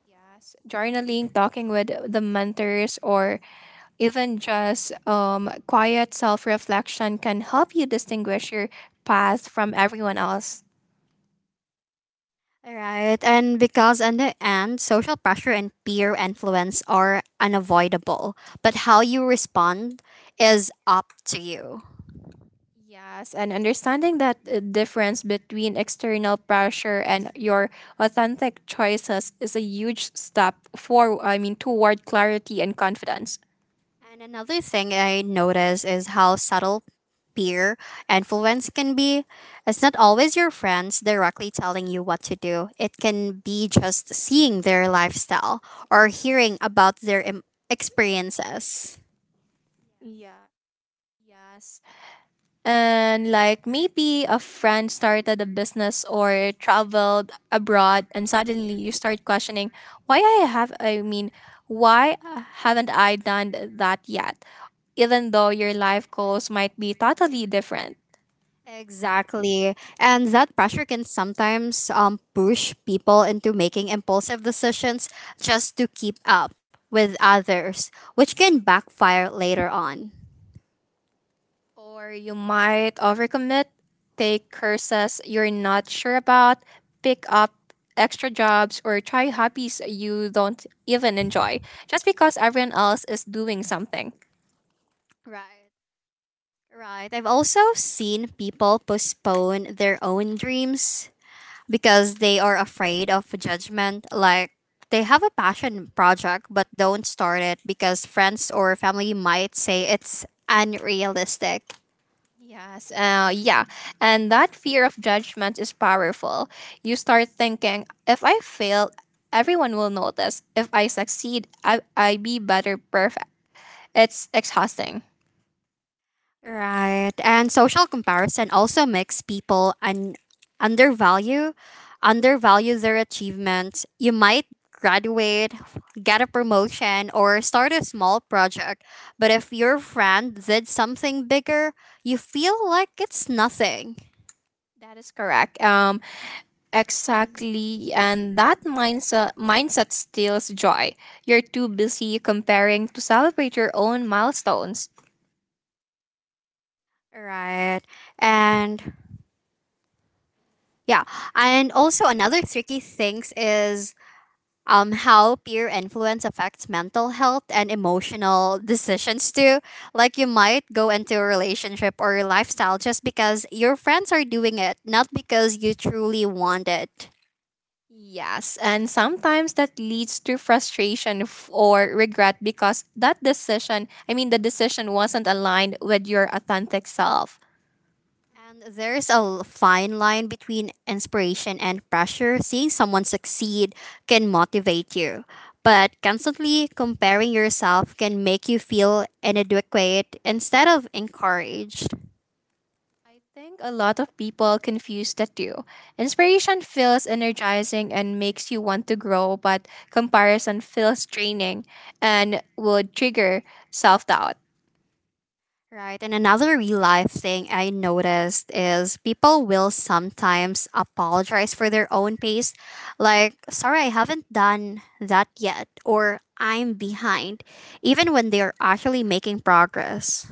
Speaker 2: Yes, journaling, talking with the mentors, or even just quiet self reflection can help you distinguish your path from everyone else.
Speaker 1: All right, and because in the end, social pressure and peer influence are unavoidable, but how you respond is up to you.
Speaker 2: Yes, and understanding that difference between external pressure and your authentic choices is a huge step for I mean toward clarity and confidence.
Speaker 1: And another thing I notice is how subtle peer influence can be. It's not always your friends directly telling you what to do, it can be just seeing their lifestyle or hearing about their experiences.
Speaker 2: Yeah. Yes. And like maybe a friend started a business or traveled abroad, and suddenly you start questioning why I have, I mean, why haven't I done that yet? Even though your life goals might be totally different.
Speaker 1: Exactly. And that pressure can sometimes push people into making impulsive decisions just to keep up with others, which can backfire later on.
Speaker 2: Or you might overcommit, take courses you're not sure about, pick up extra jobs, or try hobbies you don't even enjoy just because everyone else is doing something.
Speaker 1: Right. Right. I've also seen people postpone their own dreams because they are afraid of judgment. Like they have a passion project but don't start it because friends or family might say it's unrealistic.
Speaker 2: Yes, yeah. And that fear of judgment is powerful. You start thinking, if I fail, everyone will notice. If I succeed, I be better perfect. It's exhausting.
Speaker 1: Right. And social comparison also makes people undervalue undervalue their achievements. You might graduate, get a promotion, or start a small project, but if your friend did something bigger, you feel like it's nothing.
Speaker 2: That is correct. Exactly. And that mindset steals joy. You're too busy comparing to celebrate your own milestones.
Speaker 1: Right. And yeah, and also another tricky things is how peer influence affects mental health and emotional decisions too. Like you might go into a relationship or a lifestyle just because your friends are doing it, not because you truly want it.
Speaker 2: Yes, and sometimes that leads to frustration or regret because that decision, I mean, the decision wasn't aligned with your authentic self.
Speaker 1: And there's a fine line between inspiration and pressure. Seeing someone succeed can motivate you, but constantly comparing yourself can make you feel inadequate instead of encouraged.
Speaker 2: I think a lot of people confuse the two. Inspiration feels energizing and makes you want to grow, but comparison feels draining and would trigger self doubt.
Speaker 1: Right. And another real life thing I noticed is people will sometimes apologize for their own pace. Like, sorry, I haven't done that yet, or I'm behind, even when they're actually making progress.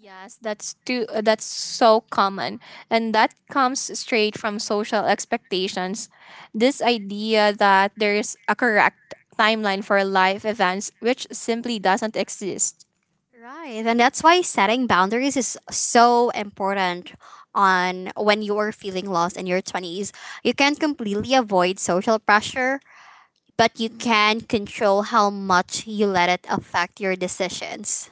Speaker 2: Yes, that's so common and that comes straight from social expectations. This idea that there's a correct timeline for life events which simply doesn't exist.
Speaker 1: Right. And that's why setting boundaries is so important on when you're feeling lost in your 20s. You can't completely avoid social pressure, but you can control how much you let it affect your decisions.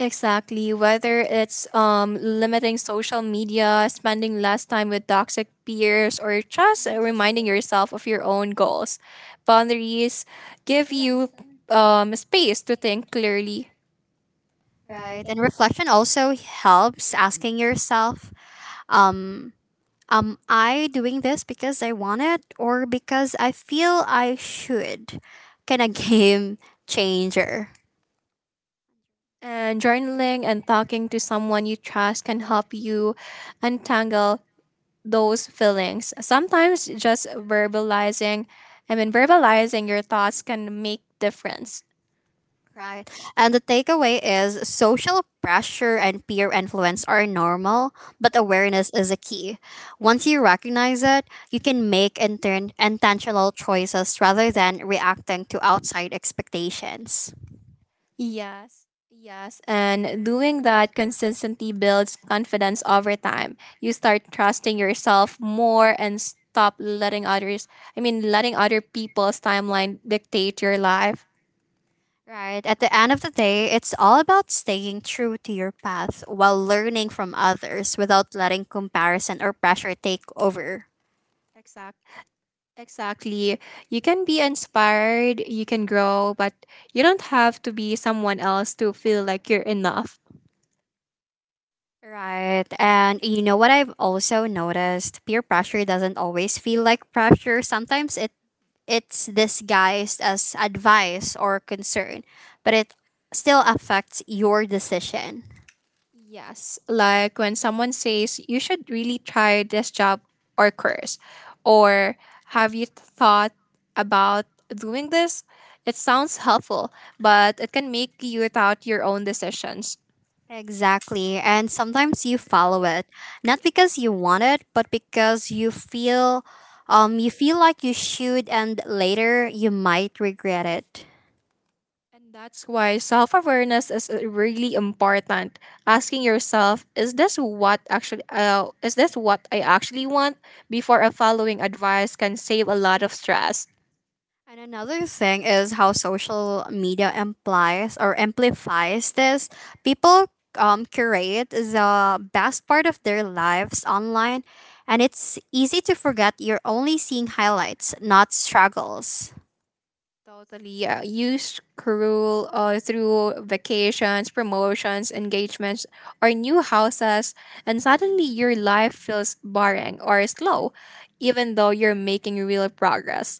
Speaker 2: Exactly, whether it's limiting social media, spending less time with toxic peers or just reminding yourself of your own goals. Boundaries give you space to think clearly.
Speaker 1: Right. And reflection also helps asking yourself, um, am I doing this because I want it or because I feel I should? Kind of game changer.
Speaker 2: And journaling and talking to someone you trust can help you untangle those feelings. Sometimes just verbalizing your thoughts can make difference.
Speaker 1: Right. And the takeaway is social pressure and peer influence are normal, but awareness is a key. Once you recognize it, you can make intentional choices rather than reacting to outside expectations.
Speaker 2: Yes. Yes, and doing that consistently builds confidence over time. You start trusting yourself more and stop letting letting other people's timeline dictate your life.
Speaker 1: Right. At the end of the day, it's all about staying true to your path while learning from others without letting comparison or pressure take over.
Speaker 2: Exactly. Exactly. You can be inspired, you can grow, but you don't have to be someone else to feel like you're enough.
Speaker 1: Right. And you know what I've also noticed? Peer pressure doesn't always feel like pressure. Sometimes it's disguised as advice or concern, but it still affects your decision.
Speaker 2: Yes, like when someone says, you should really try this job or course, or have you thought about doing this? It sounds helpful, but it can make you doubt your own decisions.
Speaker 1: Exactly. And sometimes you follow it, not because you want it, but because you feel like you should and later you might regret it.
Speaker 2: And that's why self awareness is really important. Asking yourself, is this what actually is this what I actually want before following advice can save a lot of stress.
Speaker 1: And another thing is how social media implies or amplifies this. People curate the best part of their lives online and it's easy to forget you're only seeing highlights, not struggles.
Speaker 2: Totally, yeah. Use Karul through vacations, promotions, engagements, or new houses, and suddenly your life feels boring or slow, even though you're making real progress.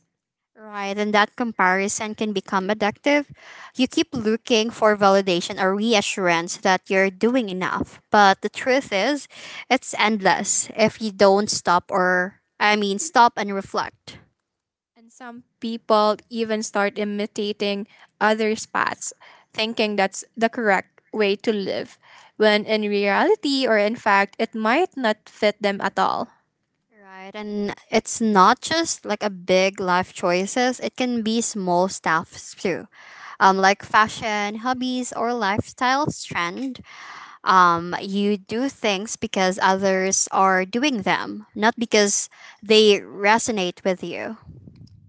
Speaker 1: Right, and that comparison can become addictive. You keep looking for validation or reassurance that you're doing enough. But the truth is, it's endless if you don't stop or, I mean, stop and reflect.
Speaker 2: And some people even start imitating others' paths, thinking that's the correct way to live, when in reality or in fact, it might not fit them at all.
Speaker 1: Right, and it's not just like a big life choices, it can be small stuffs too. Like fashion, hobbies, or lifestyle trends, you do things because others are doing them, not because they resonate with you.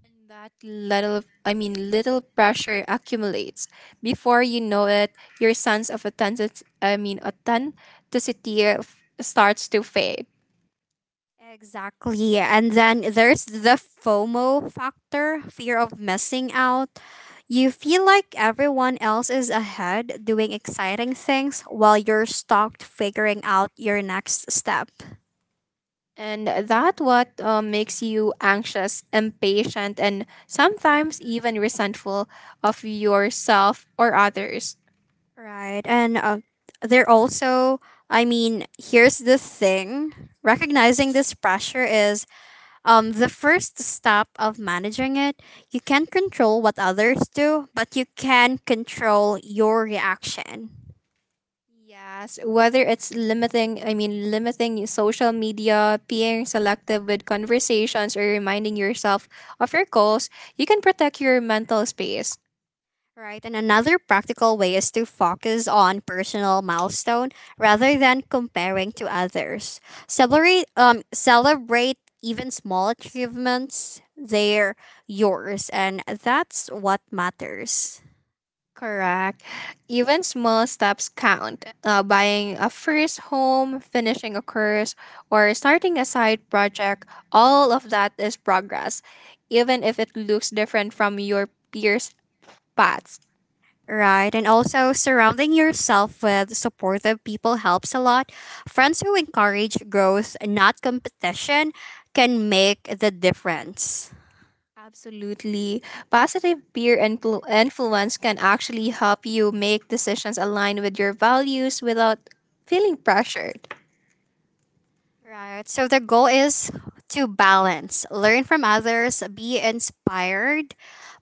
Speaker 2: And that little pressure accumulates. Before you know it, your sense of authenticity starts to fade.
Speaker 1: Exactly. And then there's the FOMO factor, fear of missing out. You feel like everyone else is ahead doing exciting things while you're stuck figuring out your next step.
Speaker 2: And that what makes you anxious, impatient, and sometimes even resentful of yourself or others.
Speaker 1: Right. And they're also, I mean, here's the thing, recognizing this pressure is, the first step of managing it, you can't control what others do, but you can control your reaction.
Speaker 2: Yes, whether it's limiting social media, being selective with conversations, or reminding yourself of your goals, you can protect your mental space.
Speaker 1: Right? And another practical way is to focus on personal milestone rather than comparing to others. Celebrate even small achievements, they're yours and that's what matters.
Speaker 2: Correct. Even small steps count. Buying a first home, finishing a course, or starting a side project, all of that is progress, even if it looks different from your peers' paths.
Speaker 1: Right. And also, surrounding yourself with supportive people helps a lot. Friends who encourage growth, not competition, can make the difference.
Speaker 2: Absolutely. Positive influence can actually help you make decisions aligned with your values without feeling pressured.
Speaker 1: Right. So, the goal is to balance, learn from others, be inspired,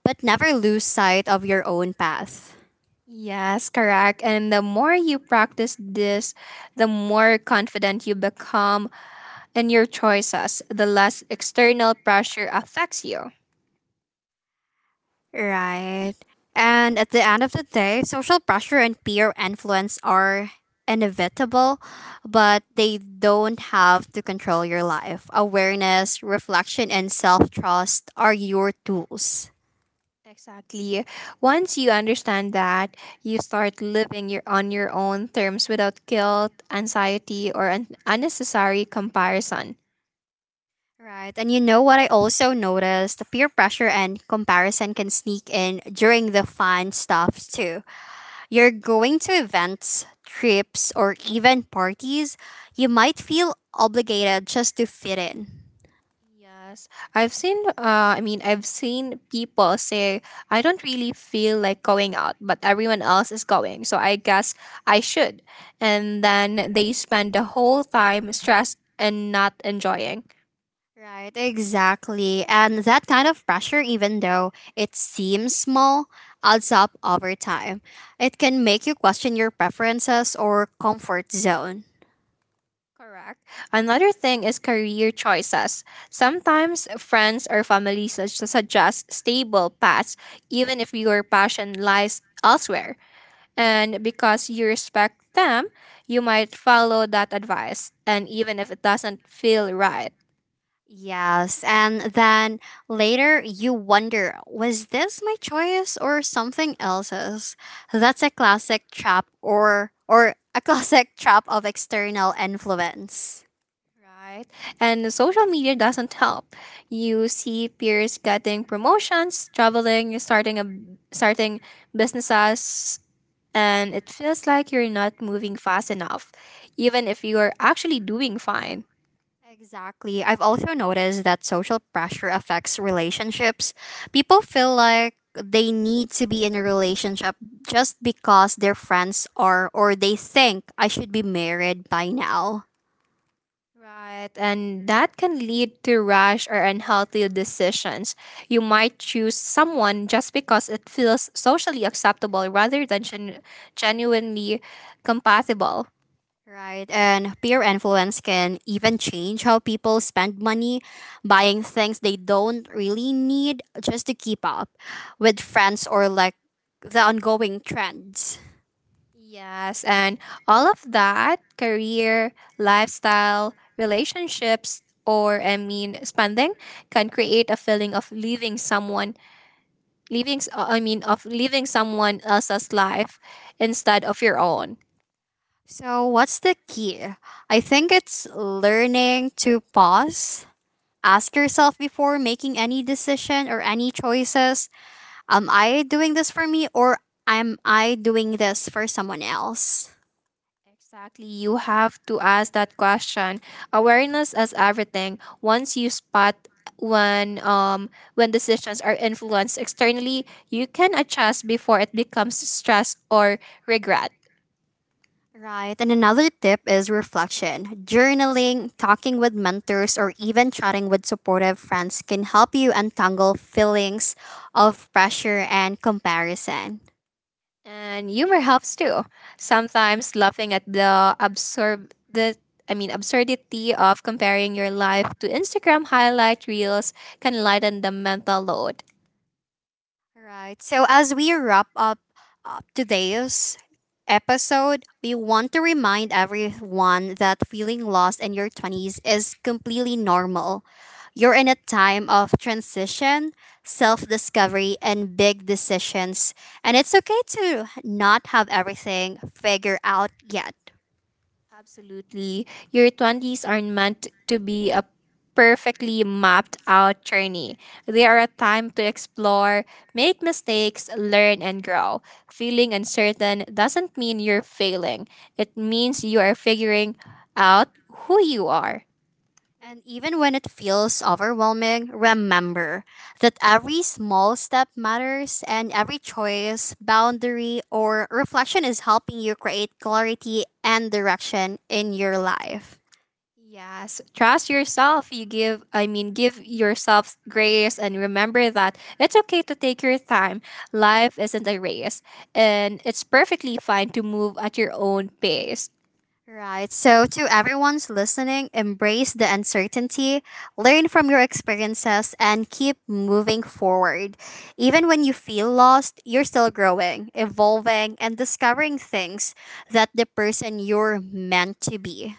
Speaker 1: but never lose sight of your own path.
Speaker 2: Yes, correct. And the more you practice this, the more confident you become in your choices, the less external pressure affects you.
Speaker 1: Right. And at the end of the day, social pressure and peer influence are inevitable, but they don't have to control your life. Awareness, reflection, and self trust are your tools.
Speaker 2: Exactly. Once you understand that, you start living your, on your own terms without guilt, anxiety, or unnecessary comparison.
Speaker 1: Right. And you know what I also noticed? The Peer pressure and comparison can sneak in during the fun stuff too. You're going to events, trips, or even parties. You might feel obligated just to fit in.
Speaker 2: Yes, I've seen people say, I don't really feel like going out, but everyone else is going, so I guess I should. And then they spend the whole time stressed and not enjoying.
Speaker 1: Right, exactly. And that kind of pressure, even though it seems small, adds up over time. It can make you question your preferences or comfort zone.
Speaker 2: Correct. Another thing is career choices. Sometimes friends or family suggest stable paths, even if your passion lies elsewhere. And because you respect them, you might follow that advice, and even if it doesn't feel right.
Speaker 1: Yes, and then later you wonder, was this my choice or something else's? That's a classic trap or a classic trap of external influence.
Speaker 2: Right? And social media doesn't help. You see peers getting promotions, traveling, starting businesses, and it feels like you're not moving fast enough, even if you are actually doing fine.
Speaker 1: Exactly. I've also noticed that social pressure affects relationships. People feel like they need to be in a relationship just because their friends are, or they think I should be married by now.
Speaker 2: Right, and that can lead to rash or unhealthy decisions. You might choose someone just because it feels socially acceptable rather than genuinely compatible.
Speaker 1: Right. And peer influence can even change how people spend money, buying things they don't really need just to keep up with friends or like the ongoing trends.
Speaker 2: Yes, and all of that career, lifestyle, relationships, or I mean spending can create a feeling of leaving someone, leaving s- I mean of leaving someone else's life instead of your own.
Speaker 1: So, what's the key? I think it's learning to pause, ask yourself before making any decision or any choices, am I doing this for me or am I doing this for someone else?
Speaker 2: Exactly. You have to ask that question. Awareness is everything. Once you spot when um when decisions are influenced externally, you can adjust before it becomes stress or regret.
Speaker 1: Right. And another tip is reflection. Journaling, talking with mentors, or even chatting with supportive friends can help you untangle feelings of pressure and comparison.
Speaker 2: And humor helps too. Sometimes laughing at the absurdity of comparing your life to Instagram highlight reels can lighten the mental load.
Speaker 1: Right. So as we wrap up today's episode, we want to remind everyone that feeling lost in your 20s is completely normal. You're in a time of transition, self discovery, and big decisions. And it's okay to not have everything figured out yet.
Speaker 2: Absolutely. Your 20s are aren't meant to be a perfectly mapped out journey. They are a time to explore, make mistakes, learn, and grow. Feeling uncertain doesn't mean you're failing, it means you are figuring out who you are.
Speaker 1: And even when it feels overwhelming, remember that every small step matters and every choice, boundary, or reflection is helping you create clarity and direction in your life.
Speaker 2: Yes, trust yourself. You give yourself grace and remember that it's okay to take your time. Life isn't a race, and it's perfectly fine to move at your own pace.
Speaker 1: Right. So, to everyone's listening, embrace the uncertainty, learn from your experiences, and keep moving forward. Even when you feel lost, you're still growing, evolving, and discovering things that the person you're meant to be.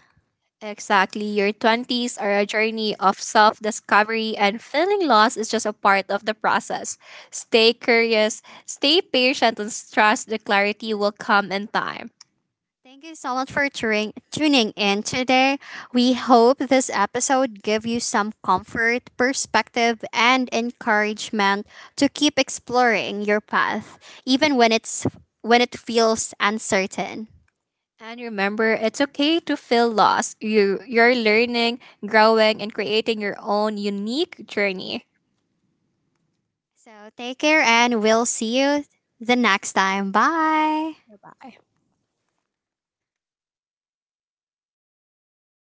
Speaker 2: Exactly, your 20s are a journey of self discovery, and feeling lost is just a part of the process. Stay curious, stay patient, and trust the clarity will come in time.
Speaker 1: Thank you so much for tuning in today. We hope this episode give you some comfort, perspective, and encouragement to keep exploring your path, even when it feels uncertain.
Speaker 2: And remember, it's okay to feel lost. You're learning, growing, and creating your own unique journey.
Speaker 1: So take care, and we'll see you the next time. Bye.
Speaker 2: Bye.